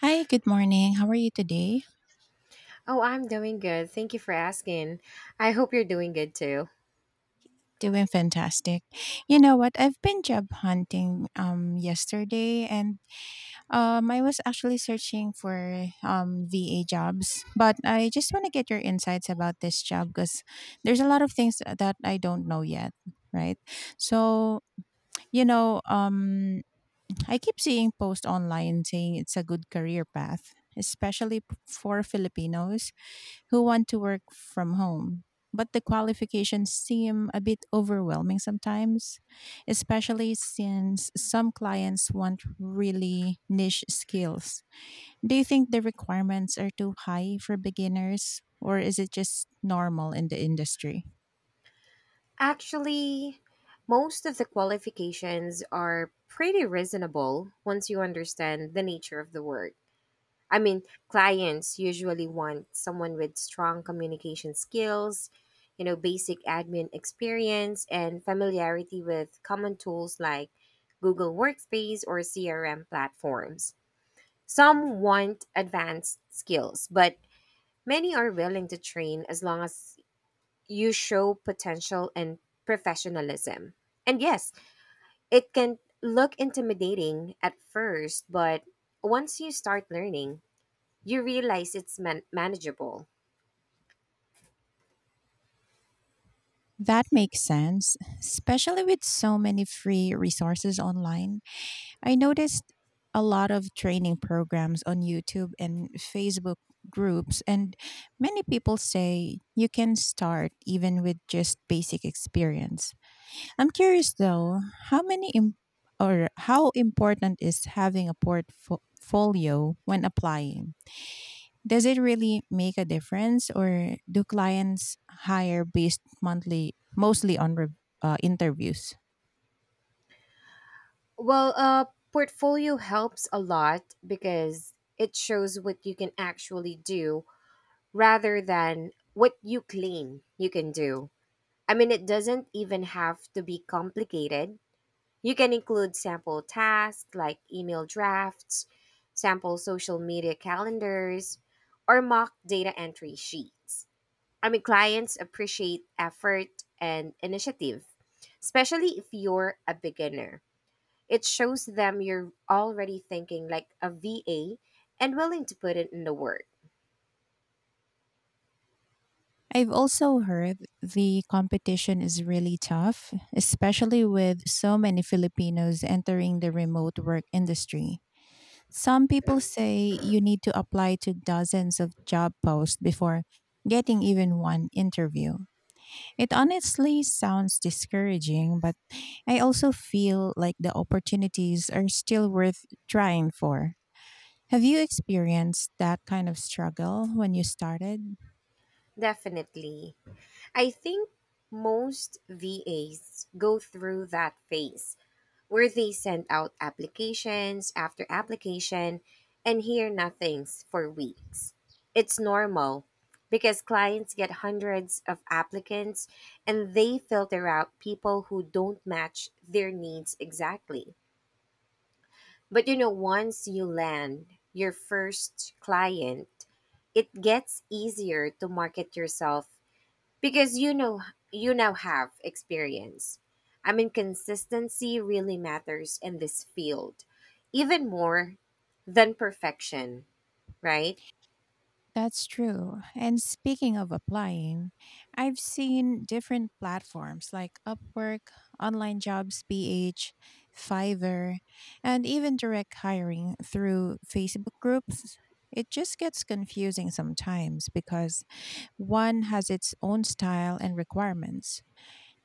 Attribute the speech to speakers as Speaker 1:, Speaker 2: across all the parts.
Speaker 1: Hi, good morning. How are you today?
Speaker 2: Oh, I'm doing good. Thank you for asking. I hope you're doing good too.
Speaker 1: Doing fantastic. You know what? I've been job hunting yesterday and I was actually searching for VA jobs, but I just want to get your insights about this job because there's a lot of things that I don't know yet, right? So, you know, um I keep seeing posts online saying it's a good career path, especially for Filipinos who want to work from home. But the qualifications seem a bit overwhelming sometimes, especially since some clients want really niche skills. Do you think the requirements are too high for beginners, or is it just normal in the industry?
Speaker 2: Actually, most of the qualifications are pretty reasonable once you understand the nature of the work. I mean, clients usually want someone with strong communication skills, you know, basic admin experience, and familiarity with common tools like Google Workspace or CRM platforms. Some want advanced skills, but many are willing to train as long as you show potential and professionalism. And yes, it can look intimidating at first, but once you start learning, you realize it's manageable.
Speaker 1: That makes sense, especially with so many free resources online. I noticed a lot of training programs on YouTube and Facebook groups, and many people say you can start even with just basic experience. I'm curious though, how many im- or how important is having a portfolio when applying? Does it really make a difference, or do clients hire based monthly mostly on interviews?
Speaker 2: Well, a portfolio helps a lot because it shows what you can actually do rather than what you claim you can do. I mean, it doesn't even have to be complicated. You can include sample tasks like email drafts, sample social media calendars, or mock data entry sheets. I mean, clients appreciate effort and initiative, especially if you're a beginner. It shows them you're already thinking like a VA and willing to put it in the work.
Speaker 1: I've also heard the competition is really tough, especially with so many Filipinos entering the remote work industry. Some people say you need to apply to dozens of job posts before getting even one interview. It honestly sounds discouraging, but I also feel like the opportunities are still worth trying for. Have you experienced that kind of struggle when you started?
Speaker 2: Definitely. I think most VAs go through that phase where they send out applications after application and hear nothings for weeks. It's normal because clients get hundreds of applicants and they filter out people who don't match their needs exactly. But you know, once you land your first client, it gets easier to market yourself because you know you now have experience. I mean, consistency really matters in this field. Even more than perfection, right?
Speaker 1: That's true. And speaking of applying, I've seen different platforms like Upwork, Online Jobs PH, Fiverr, and even direct hiring through Facebook groups. It just gets confusing sometimes because one has its own style and requirements.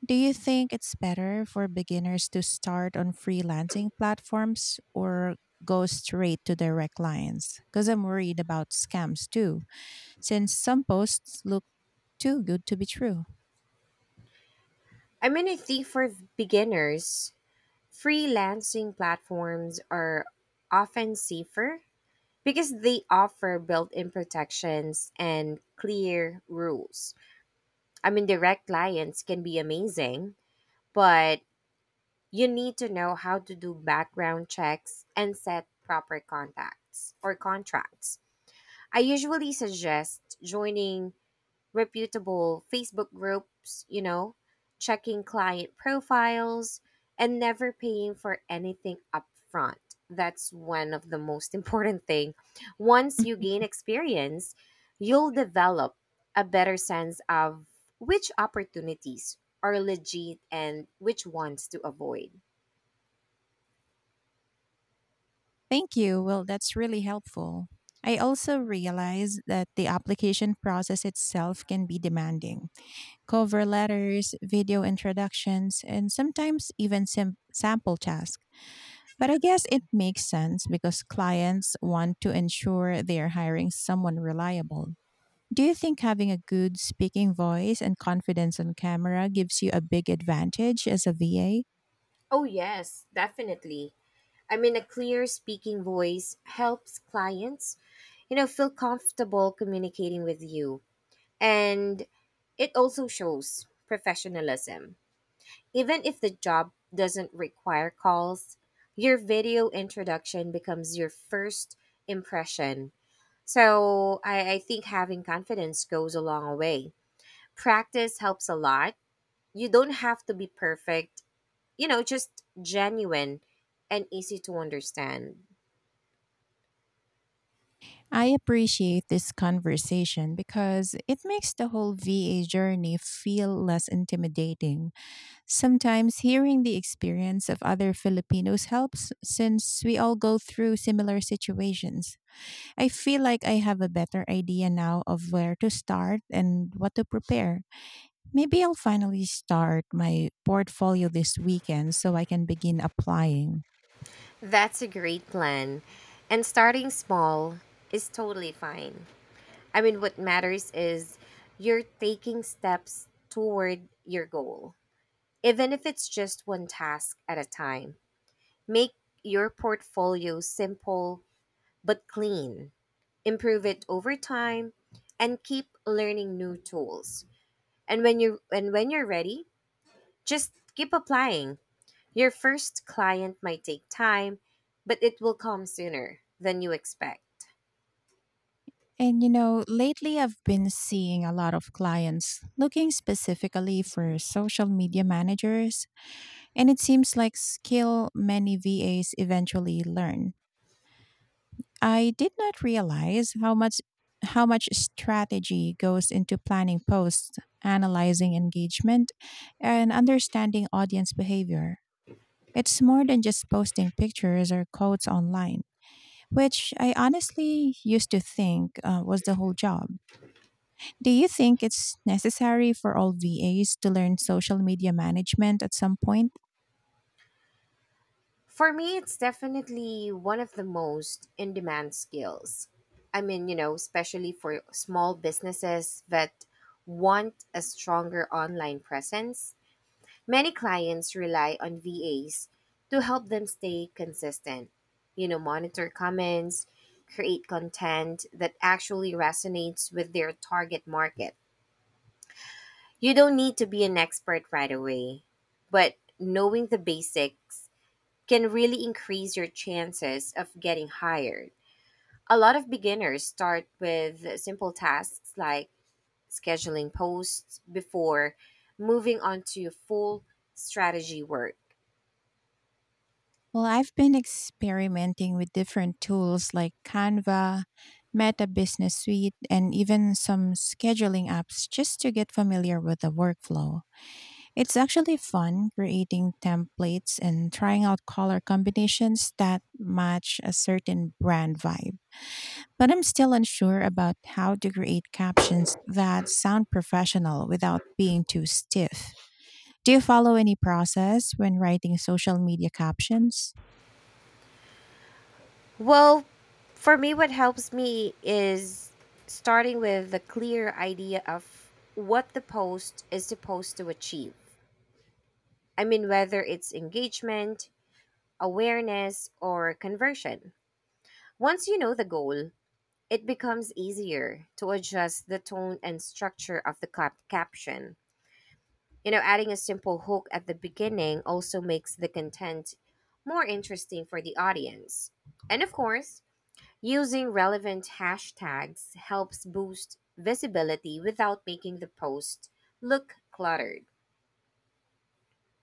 Speaker 1: Do you think it's better for beginners to start on freelancing platforms or go straight to direct clients? Because I'm worried about scams too since some posts look too good to be true.
Speaker 2: I mean, I think for beginners, freelancing platforms are often safer because they offer built-in protections and clear rules. I mean, direct clients can be amazing, but you need to know how to do background checks and set proper contacts or contracts. I usually suggest joining reputable Facebook groups, you know, checking client profiles, and never paying for anything upfront. That's one of the most important thing. Once you gain experience, you'll develop a better sense of which opportunities are legit and which ones to avoid.
Speaker 1: Thank you. Well, that's really helpful. I also realize that the application process itself can be demanding. Cover letters, video introductions, and sometimes even sample tasks. But I guess it makes sense because clients want to ensure they are hiring someone reliable. Do you think having a good speaking voice and confidence on camera gives you a big advantage as a VA?
Speaker 2: Oh, yes, definitely. I mean, a clear speaking voice helps clients, you know, feel comfortable communicating with you. And it also shows professionalism. Even if the job doesn't require calls, your video introduction becomes your first impression. So I think having confidence goes a long way. Practice helps a lot. You don't have to be perfect, you know, just genuine and easy to understand.
Speaker 1: I appreciate this conversation because it makes the whole VA journey feel less intimidating. Sometimes hearing the experience of other Filipinos helps since we all go through similar situations. I feel like I have a better idea now of where to start and what to prepare. Maybe I'll finally start my portfolio this weekend so I can begin applying.
Speaker 2: That's a great plan. And starting small is totally fine. I mean, what matters is you're taking steps toward your goal, even if it's just one task at a time. Make your portfolio simple but clean, improve it over time, and keep learning new tools. And when you're ready, just keep applying. Your first client might take time, but it will come sooner than you expect.
Speaker 1: And you know, lately I've been seeing a lot of clients looking specifically for social media managers, and it seems like skill many VAs eventually learn. I did not realize how much strategy goes into planning posts, analyzing engagement, and understanding audience behavior. It's more than just posting pictures or quotes online, which I honestly used to think was the whole job. Do you think it's necessary for all VAs to learn social media management at some point?
Speaker 2: For me, it's definitely one of the most in demand skills. I mean, you know, especially for small businesses that want a stronger online presence. Many clients rely on VAs to help them stay consistent, you know, monitor comments, create content that actually resonates with their target market. You don't need to be an expert right away, but knowing the basics can really increase your chances of getting hired. A lot of beginners start with simple tasks like scheduling posts before moving on to full strategy work.
Speaker 1: Well, I've been experimenting with different tools like Canva, Meta Business Suite, and even some scheduling apps just to get familiar with the workflow. It's actually fun creating templates and trying out color combinations that match a certain brand vibe. But I'm still unsure about how to create captions that sound professional without being too stiff. Do you follow any process when writing social media captions?
Speaker 2: Well, for me, what helps me is starting with a clear idea of what the post is supposed to achieve. I mean, whether it's engagement, awareness, or conversion. Once you know the goal, it becomes easier to adjust the tone and structure of the caption. You know, adding a simple hook at the beginning also makes the content more interesting for the audience. And of course, using relevant hashtags helps boost visibility without making the post look cluttered.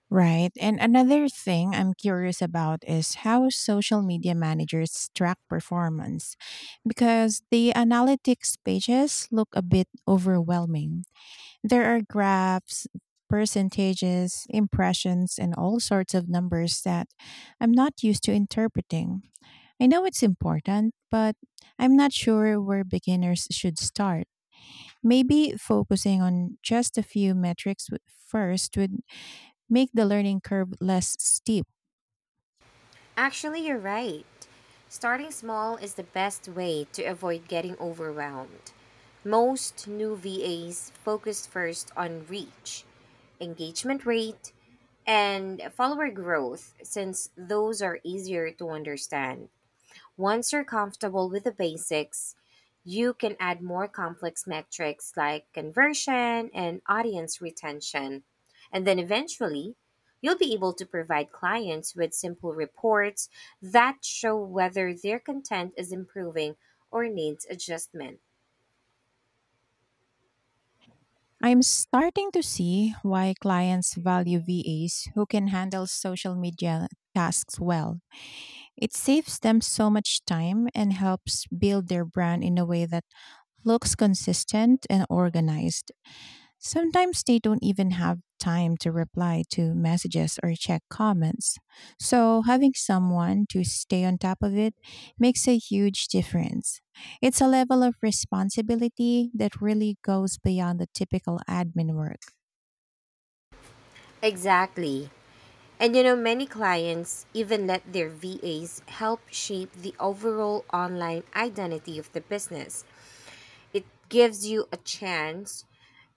Speaker 1: Right. And another thing I'm curious about is how social media managers track performance because the analytics pages look a bit overwhelming. There are graphs, percentages, impressions, and all sorts of numbers that I'm not used to interpreting. I know it's important, but I'm not sure where beginners should start. Maybe focusing on just a few metrics first would make the learning curve less steep.
Speaker 2: Actually, you're right. Starting small is the best way to avoid getting overwhelmed. Most new VAs focus first on reach, engagement rate, and follower growth since those are easier to understand. Once you're comfortable with the basics, you can add more complex metrics like conversion and audience retention. And then eventually, you'll be able to provide clients with simple reports that show whether their content is improving or needs adjustment.
Speaker 1: I'm starting to see why clients value VAs who can handle social media tasks well. It saves them so much time and helps build their brand in a way that looks consistent and organized. Sometimes they don't even have time to reply to messages or check comments. So, having someone to stay on top of it makes a huge difference. It's a level of responsibility that really goes beyond the typical admin work.
Speaker 2: Exactly. And you know, many clients even let their VAs help shape the overall online identity of the business. It gives you a chance,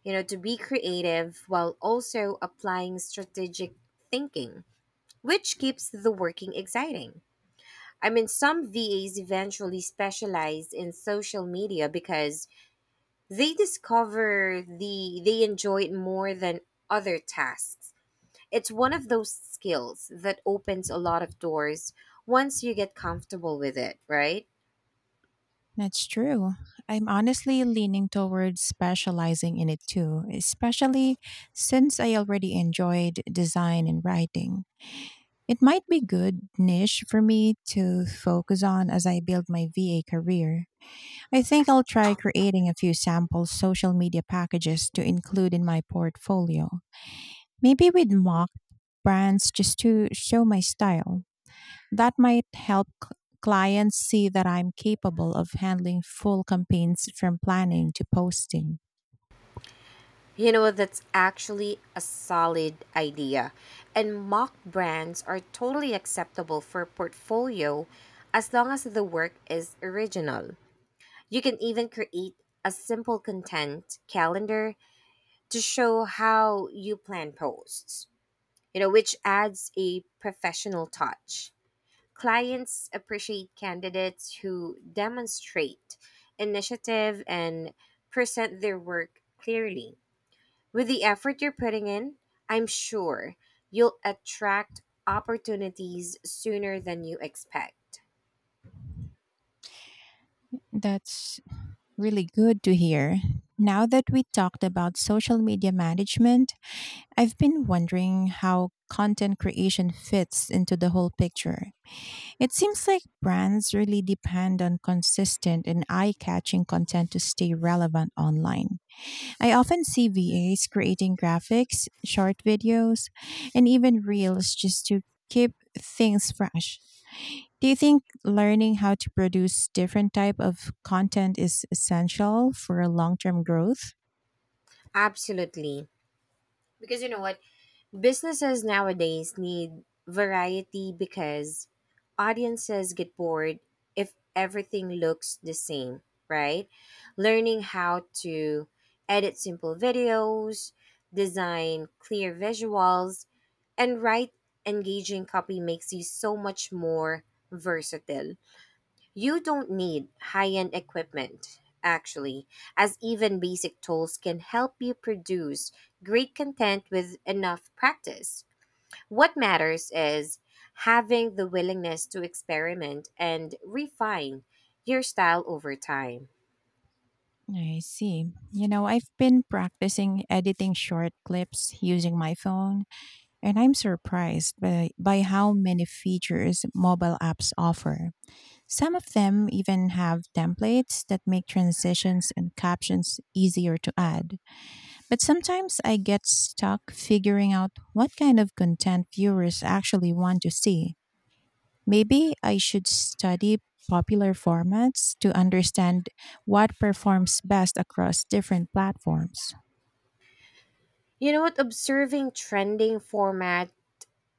Speaker 2: you know, to be creative while also applying strategic thinking, which keeps the working exciting. I mean, some VAs eventually specialized in social media because they discover they enjoy it more than other tasks. It's one of those skills that opens a lot of doors once you get comfortable with it, right?
Speaker 1: That's true. I'm honestly leaning towards specializing in it too, especially since I already enjoyed design and writing. It might be good niche for me to focus on as I build my VA career. I think I'll try creating a few sample social media packages to include in my portfolio. Maybe with mock brands just to show my style. That might help clients see that I'm capable of handling full campaigns from planning to posting.
Speaker 2: You know, that's actually a solid idea. And mock brands are totally acceptable for portfolio as long as the work is original. You can even create a simple content calendar to show how you plan posts, you know, which adds a professional touch. Clients appreciate candidates who demonstrate initiative and present their work clearly. With the effort you're putting in, I'm sure you'll attract opportunities sooner than you expect.
Speaker 1: That's really good to hear. Now that we talked about social media management, I've been wondering how content creation fits into the whole picture. It seems like brands really depend on consistent and eye catching content to stay relevant online. I often see VAs creating graphics, short videos, and even reels just to keep things fresh. Do you think learning how to produce different type of content is essential for long-term growth?
Speaker 2: Absolutely. Because you know what? Businesses nowadays need variety because audiences get bored if everything looks the same, right? Learning how to edit simple videos, design clear visuals, and write engaging copy makes you so much more versatile. You don't need high end equipment, actually, as even basic tools can help you produce great content with enough practice. What matters is having the willingness to experiment and refine your style over time.
Speaker 1: I see. You know, I've been practicing editing short clips using my phone, and I'm surprised by how many features mobile apps offer. Some of them even have templates that make transitions and captions easier to add. But sometimes I get stuck figuring out what kind of content viewers actually want to see. Maybe I should study popular formats to understand what performs best across different platforms.
Speaker 2: You know what? Observing trending format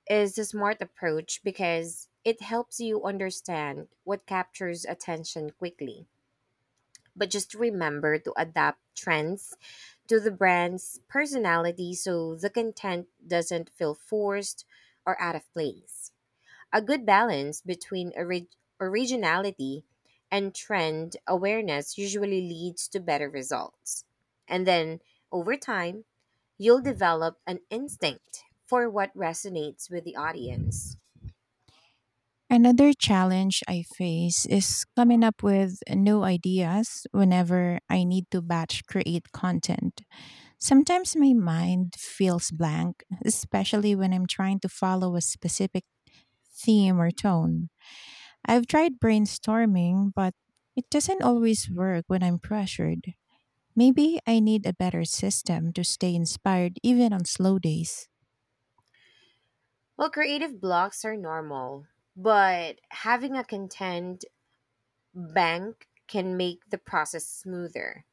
Speaker 2: is a smart approach because it helps you understand what captures attention quickly. But just remember to adapt trends to the brand's personality so the content doesn't feel forced or out of place. A good balance between originality and trend awareness usually leads to better results. And then over time, you'll develop an instinct for what resonates with the audience.
Speaker 1: Another challenge I face is coming up with new ideas whenever I need to batch create content. Sometimes my mind feels blank, especially when I'm trying to follow a specific theme or tone. I've tried brainstorming, but it doesn't always work when I'm pressured. Maybe I need a better system to stay inspired even on slow days.
Speaker 2: Well, creative blocks are normal, but having a content bank can make the process smoother.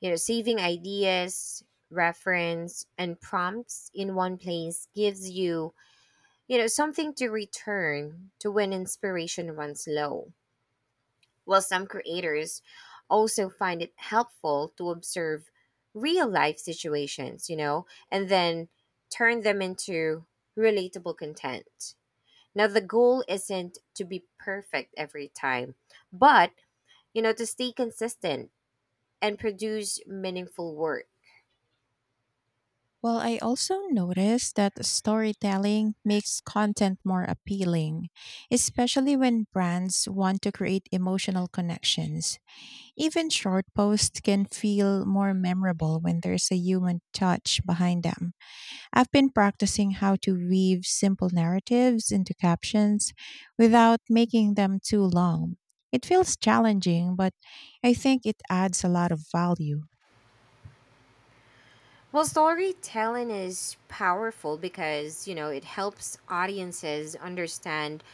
Speaker 2: You know, saving ideas, reference, and prompts in one place gives you, you know, something to return to when inspiration runs low. While some creators also find it helpful to observe real life situations, you know, and then turn them into relatable content. Now, the goal isn't to be perfect every time, but you know, to stay consistent and produce meaningful work.
Speaker 1: Well, I also noticed that storytelling makes content more appealing, especially when brands want to create emotional connections. Even short posts can feel more memorable when there's a human touch behind them. I've been practicing how to weave simple narratives into captions without making them too long. It feels challenging, but I think it adds a lot of value.
Speaker 2: Well, storytelling is powerful because, you know, it helps audiences understand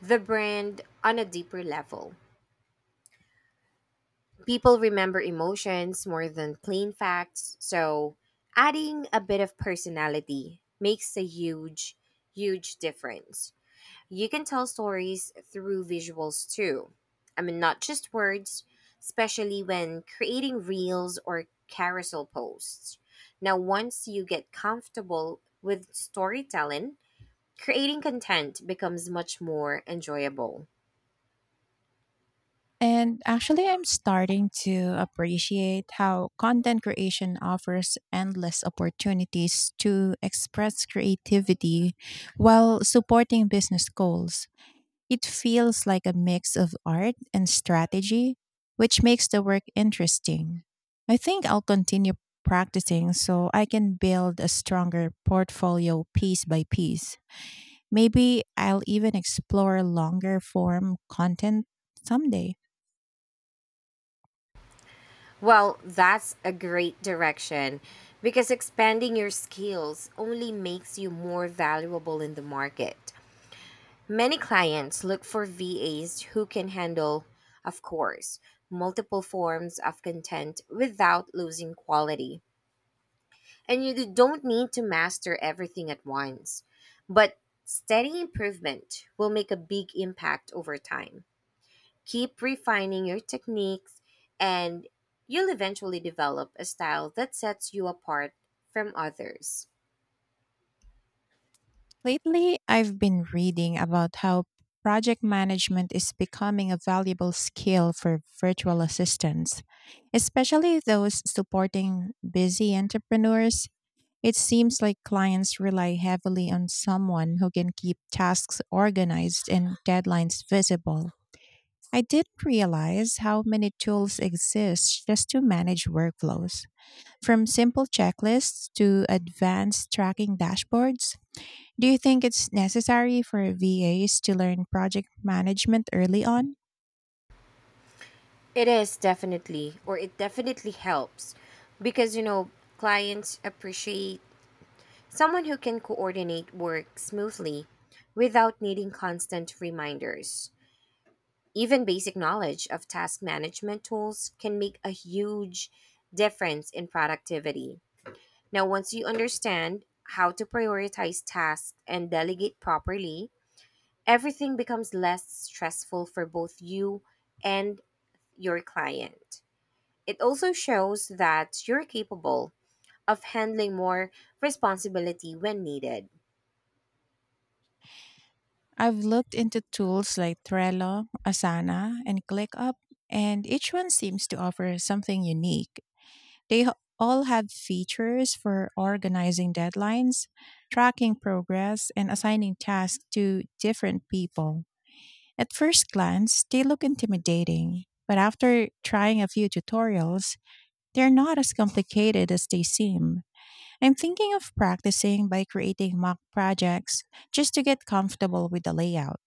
Speaker 2: the brand on a deeper level. People remember emotions more than plain facts, so adding a bit of personality makes a huge, huge difference. You can tell stories through visuals too. I mean, not just words, especially when creating reels or carousel posts. Now, once you get comfortable with storytelling, creating content becomes much more enjoyable.
Speaker 1: And actually, I'm starting to appreciate how content creation offers endless opportunities to express creativity while supporting business goals. It feels like a mix of art and strategy, which makes the work interesting. I think I'll continue practicing so I can build a stronger portfolio piece by piece. Maybe I'll even explore longer form content someday.
Speaker 2: Well, that's a great direction because expanding your skills only makes you more valuable in the market. Many clients look for VAs who can handle, of course, multiple forms of content without losing quality. And you don't need to master everything at once, but steady improvement will make a big impact over time. Keep refining your techniques, and you'll eventually develop a style that sets you apart from others.
Speaker 1: Lately, I've been reading about how project management is becoming a valuable skill for virtual assistants, especially those supporting busy entrepreneurs. It seems like clients rely heavily on someone who can keep tasks organized and deadlines visible. I didn't realize how many tools exist just to manage workflows, from simple checklists to advanced tracking dashboards. Do you think it's necessary for VAs to learn project management early on?
Speaker 2: It is definitely, or it definitely helps because, you know, clients appreciate someone who can coordinate work smoothly without needing constant reminders. Even basic knowledge of task management tools can make a huge difference in productivity. Now, once you understand how to prioritize tasks and delegate properly, everything becomes less stressful for both you and your client. It also shows that you're capable of handling more responsibility when needed.
Speaker 1: I've looked into tools like Trello, Asana, and ClickUp, and each one seems to offer something unique. They h- all have features for organizing deadlines, tracking progress, and assigning tasks to different people. At first glance, they look intimidating, but after trying a few tutorials, they're not as complicated as they seem. I'm thinking of practicing by creating mock projects just to get comfortable with the layout.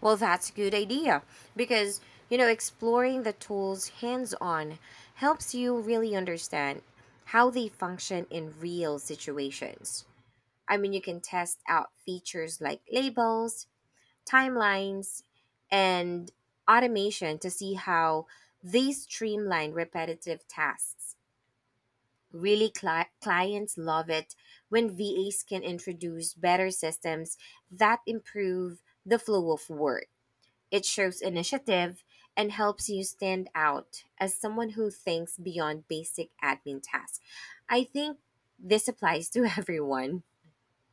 Speaker 2: Well, that's a good idea because, you know, exploring the tools hands on helps you really understand how they function in real situations. I mean, you can test out features like labels, timelines, and automation to see how they streamline repetitive tasks. Really, clients love it when VAs can introduce better systems that improve the flow of work. It shows initiative and helps you stand out as someone who thinks beyond basic admin tasks. I think this applies to everyone.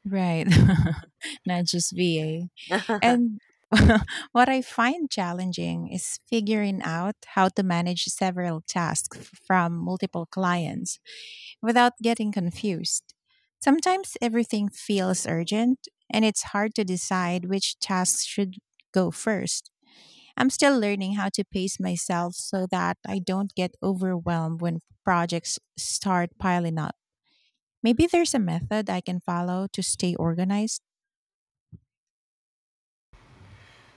Speaker 1: Right. Not just VA. And what I find challenging is figuring out how to manage several tasks from multiple clients without getting confused. Sometimes everything feels urgent and it's hard to decide which tasks should go first. I'm still learning how to pace myself so that I don't get overwhelmed when projects start piling up. Maybe there's a method I can follow to stay organized.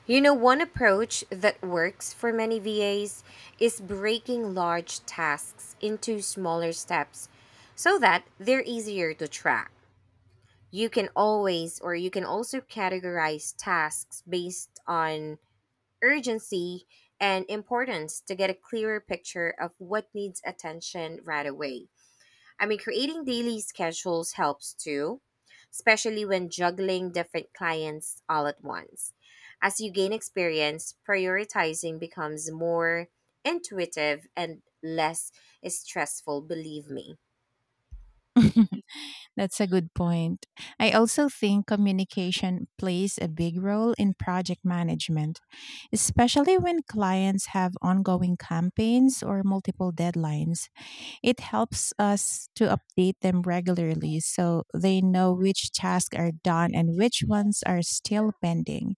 Speaker 2: You know, one approach that works for many VAs is breaking large tasks into smaller steps so that they're easier to track. You can also categorize tasks based on urgency and importance to get a clearer picture of what needs attention right away. I mean, creating daily schedules helps too, especially when juggling different clients all at once. As you gain experience, prioritizing becomes more intuitive and less stressful, believe me.
Speaker 1: That's a good point. I also think communication plays a big role in project management, especially when clients have ongoing campaigns or multiple deadlines. It helps us to update them regularly so they know which tasks are done and which ones are still pending.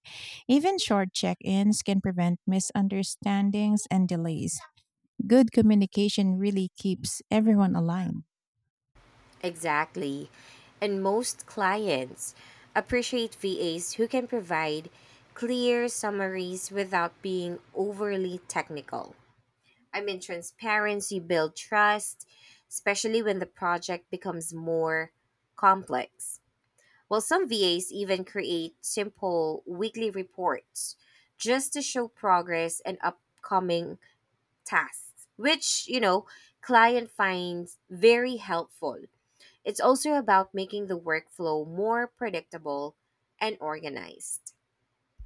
Speaker 1: Even short check ins can prevent misunderstandings and delays. Good communication really keeps everyone aligned.
Speaker 2: Exactly. And most clients appreciate VAs who can provide clear summaries without being overly technical. I mean, transparency builds trust, especially when the project becomes more complex. Well, some VAs even create simple weekly reports just to show progress and upcoming tasks, which, you know, client finds very helpful. It's also about making the workflow more predictable and organized.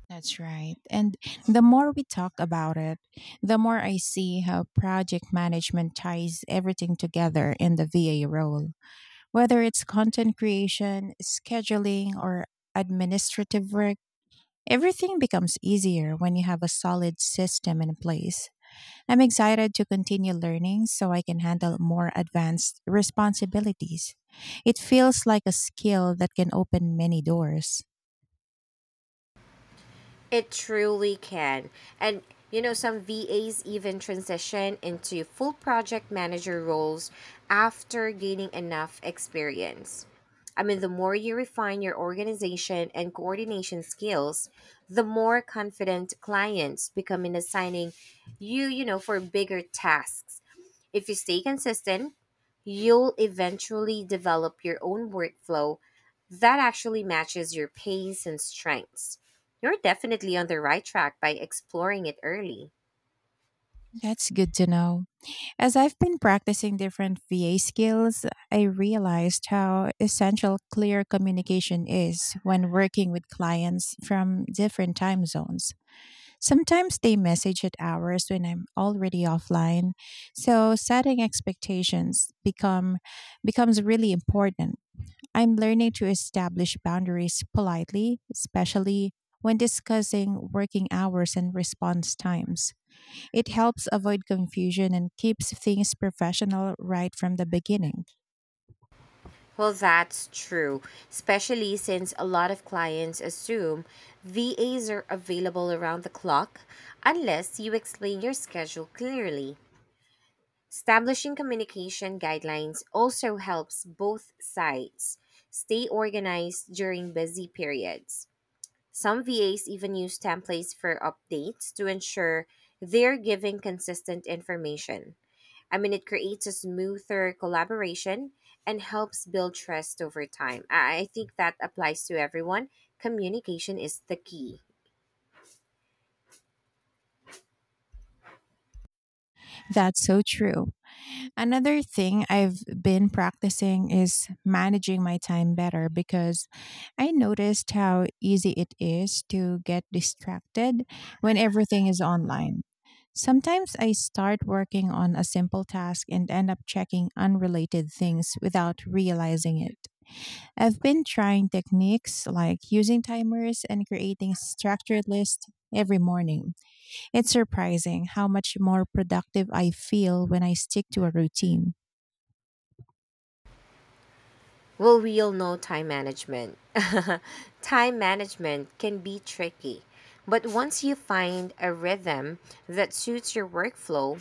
Speaker 1: That's right. And the more we talk about it, the more I see how project management ties everything together in the VA role. Whether it's content creation, scheduling, or administrative work, everything becomes easier when you have a solid system in place. I'm excited to continue learning so I can handle more advanced responsibilities. It feels like a skill that can open many doors.
Speaker 2: It truly can. And you know, some VAs even transition into full project manager roles after gaining enough experience. I mean, the more you refine your organization and coordination skills, the more confident clients become in assigning you, you know, for bigger tasks. If you stay consistent, you'll eventually develop your own workflow that actually matches your pace and strengths. You're definitely on the right track by exploring it early.
Speaker 1: That's good to know. As I've been practicing different VA skills, I realized how essential clear communication is when working with clients from different time zones. Sometimes they message at hours when I'm already offline, so setting expectations become becomes really important. I'm learning to establish boundaries politely, especially when discussing working hours and response times. It helps avoid confusion and keeps things professional right from the beginning.
Speaker 2: Well, that's true, especially since a lot of clients assume VAs are available around the clock unless you explain your schedule clearly. Establishing communication guidelines also helps both sides stay organized during busy periods. Some VAs even use templates for updates to ensure they're giving consistent information. I mean, it creates a smoother collaboration and helps build trust over time. I think that applies to everyone. Communication is the key.
Speaker 1: That's so true. Another thing I've been practicing is managing my time better because I noticed how easy it is to get distracted when everything is online. Sometimes I start working on a simple task and end up checking unrelated things without realizing it. I've been trying techniques like using timers and creating structured lists every morning. It's surprising how much more productive I feel when I stick to a routine.
Speaker 2: Well, we all know time management. Time management can be tricky, but once you find a rhythm that suits your workflow,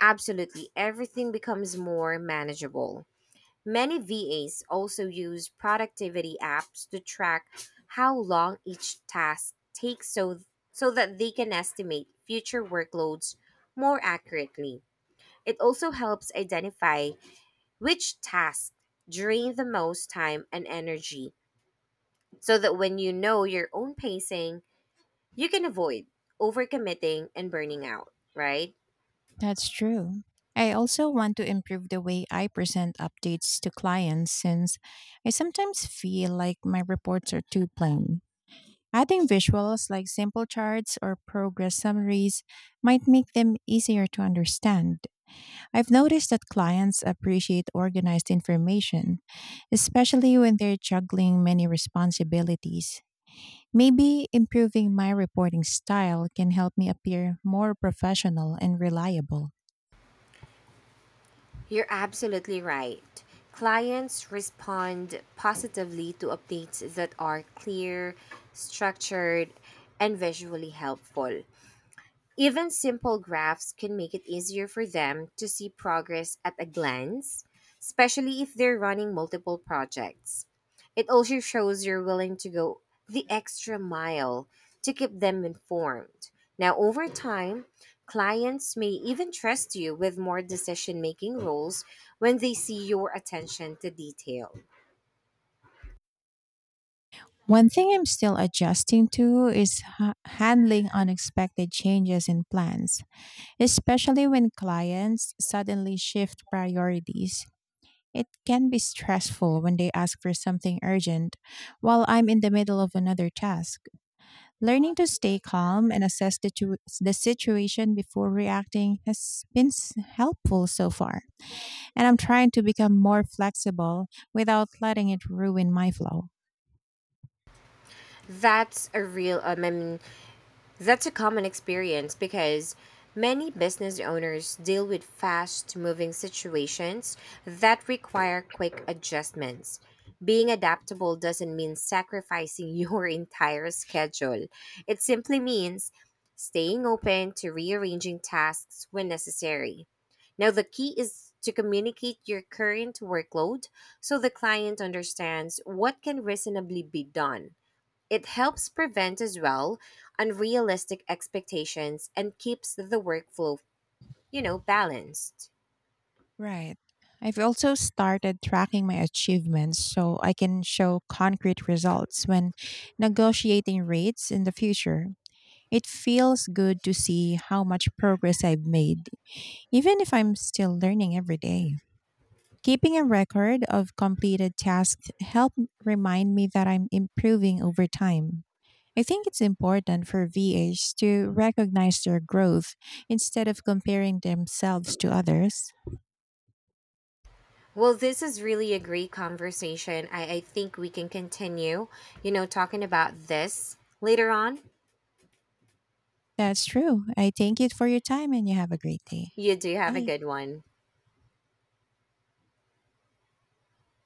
Speaker 2: absolutely everything becomes more manageable. Many VAs also use productivity apps to track how long each task takes so that they can estimate future workloads more accurately. It also helps identify which tasks drain the most time and energy so that when you know your own pacing, you can avoid overcommitting and burning out, right?
Speaker 1: That's true. I also want to improve the way I present updates to clients since I sometimes feel like my reports are too plain. Adding visuals like simple charts or progress summaries might make them easier to understand. I've noticed that clients appreciate organized information, especially when they're juggling many responsibilities. Maybe improving my reporting style can help me appear more professional and reliable.
Speaker 2: You're absolutely right. Clients respond positively to updates that are clear, structured, and visually helpful. Even simple graphs can make it easier for them to see progress at a glance, especially if they're running multiple projects. It also shows you're willing to go the extra mile to keep them informed. Now, over time, clients may even trust you with more decision making roles when they see your attention to detail.
Speaker 1: One thing I'm still adjusting to is handling unexpected changes in plans, especially when clients suddenly shift priorities. It can be stressful when they ask for something urgent while I'm in the middle of another task. Learning to stay calm and assess the situation before reacting has been helpful so far, and I'm trying to become more flexible without letting it ruin my flow.
Speaker 2: That's a real, I mean, That's a common experience because many business owners deal with fast moving situations that require quick adjustments. Being adaptable doesn't mean sacrificing your entire schedule, it simply means staying open to rearranging tasks when necessary. Now, the key is to communicate your current workload so the client understands what can reasonably be done. It helps prevent as well unrealistic expectations and keeps the workflow, you know, balanced.
Speaker 1: Right. I've also started tracking my achievements so I can show concrete results when negotiating rates in the future. It feels good to see how much progress I've made, even if I'm still learning every day. Keeping a record of completed tasks help remind me that I'm improving over time. I think it's important for VAs to recognize their growth instead of comparing themselves to others.
Speaker 2: Well, this is really a great conversation. I think we can continue, you know, talking about this later on.
Speaker 1: That's true. I thank you for your time and you have a great day.
Speaker 2: You do have a
Speaker 1: Bye.
Speaker 2: good one.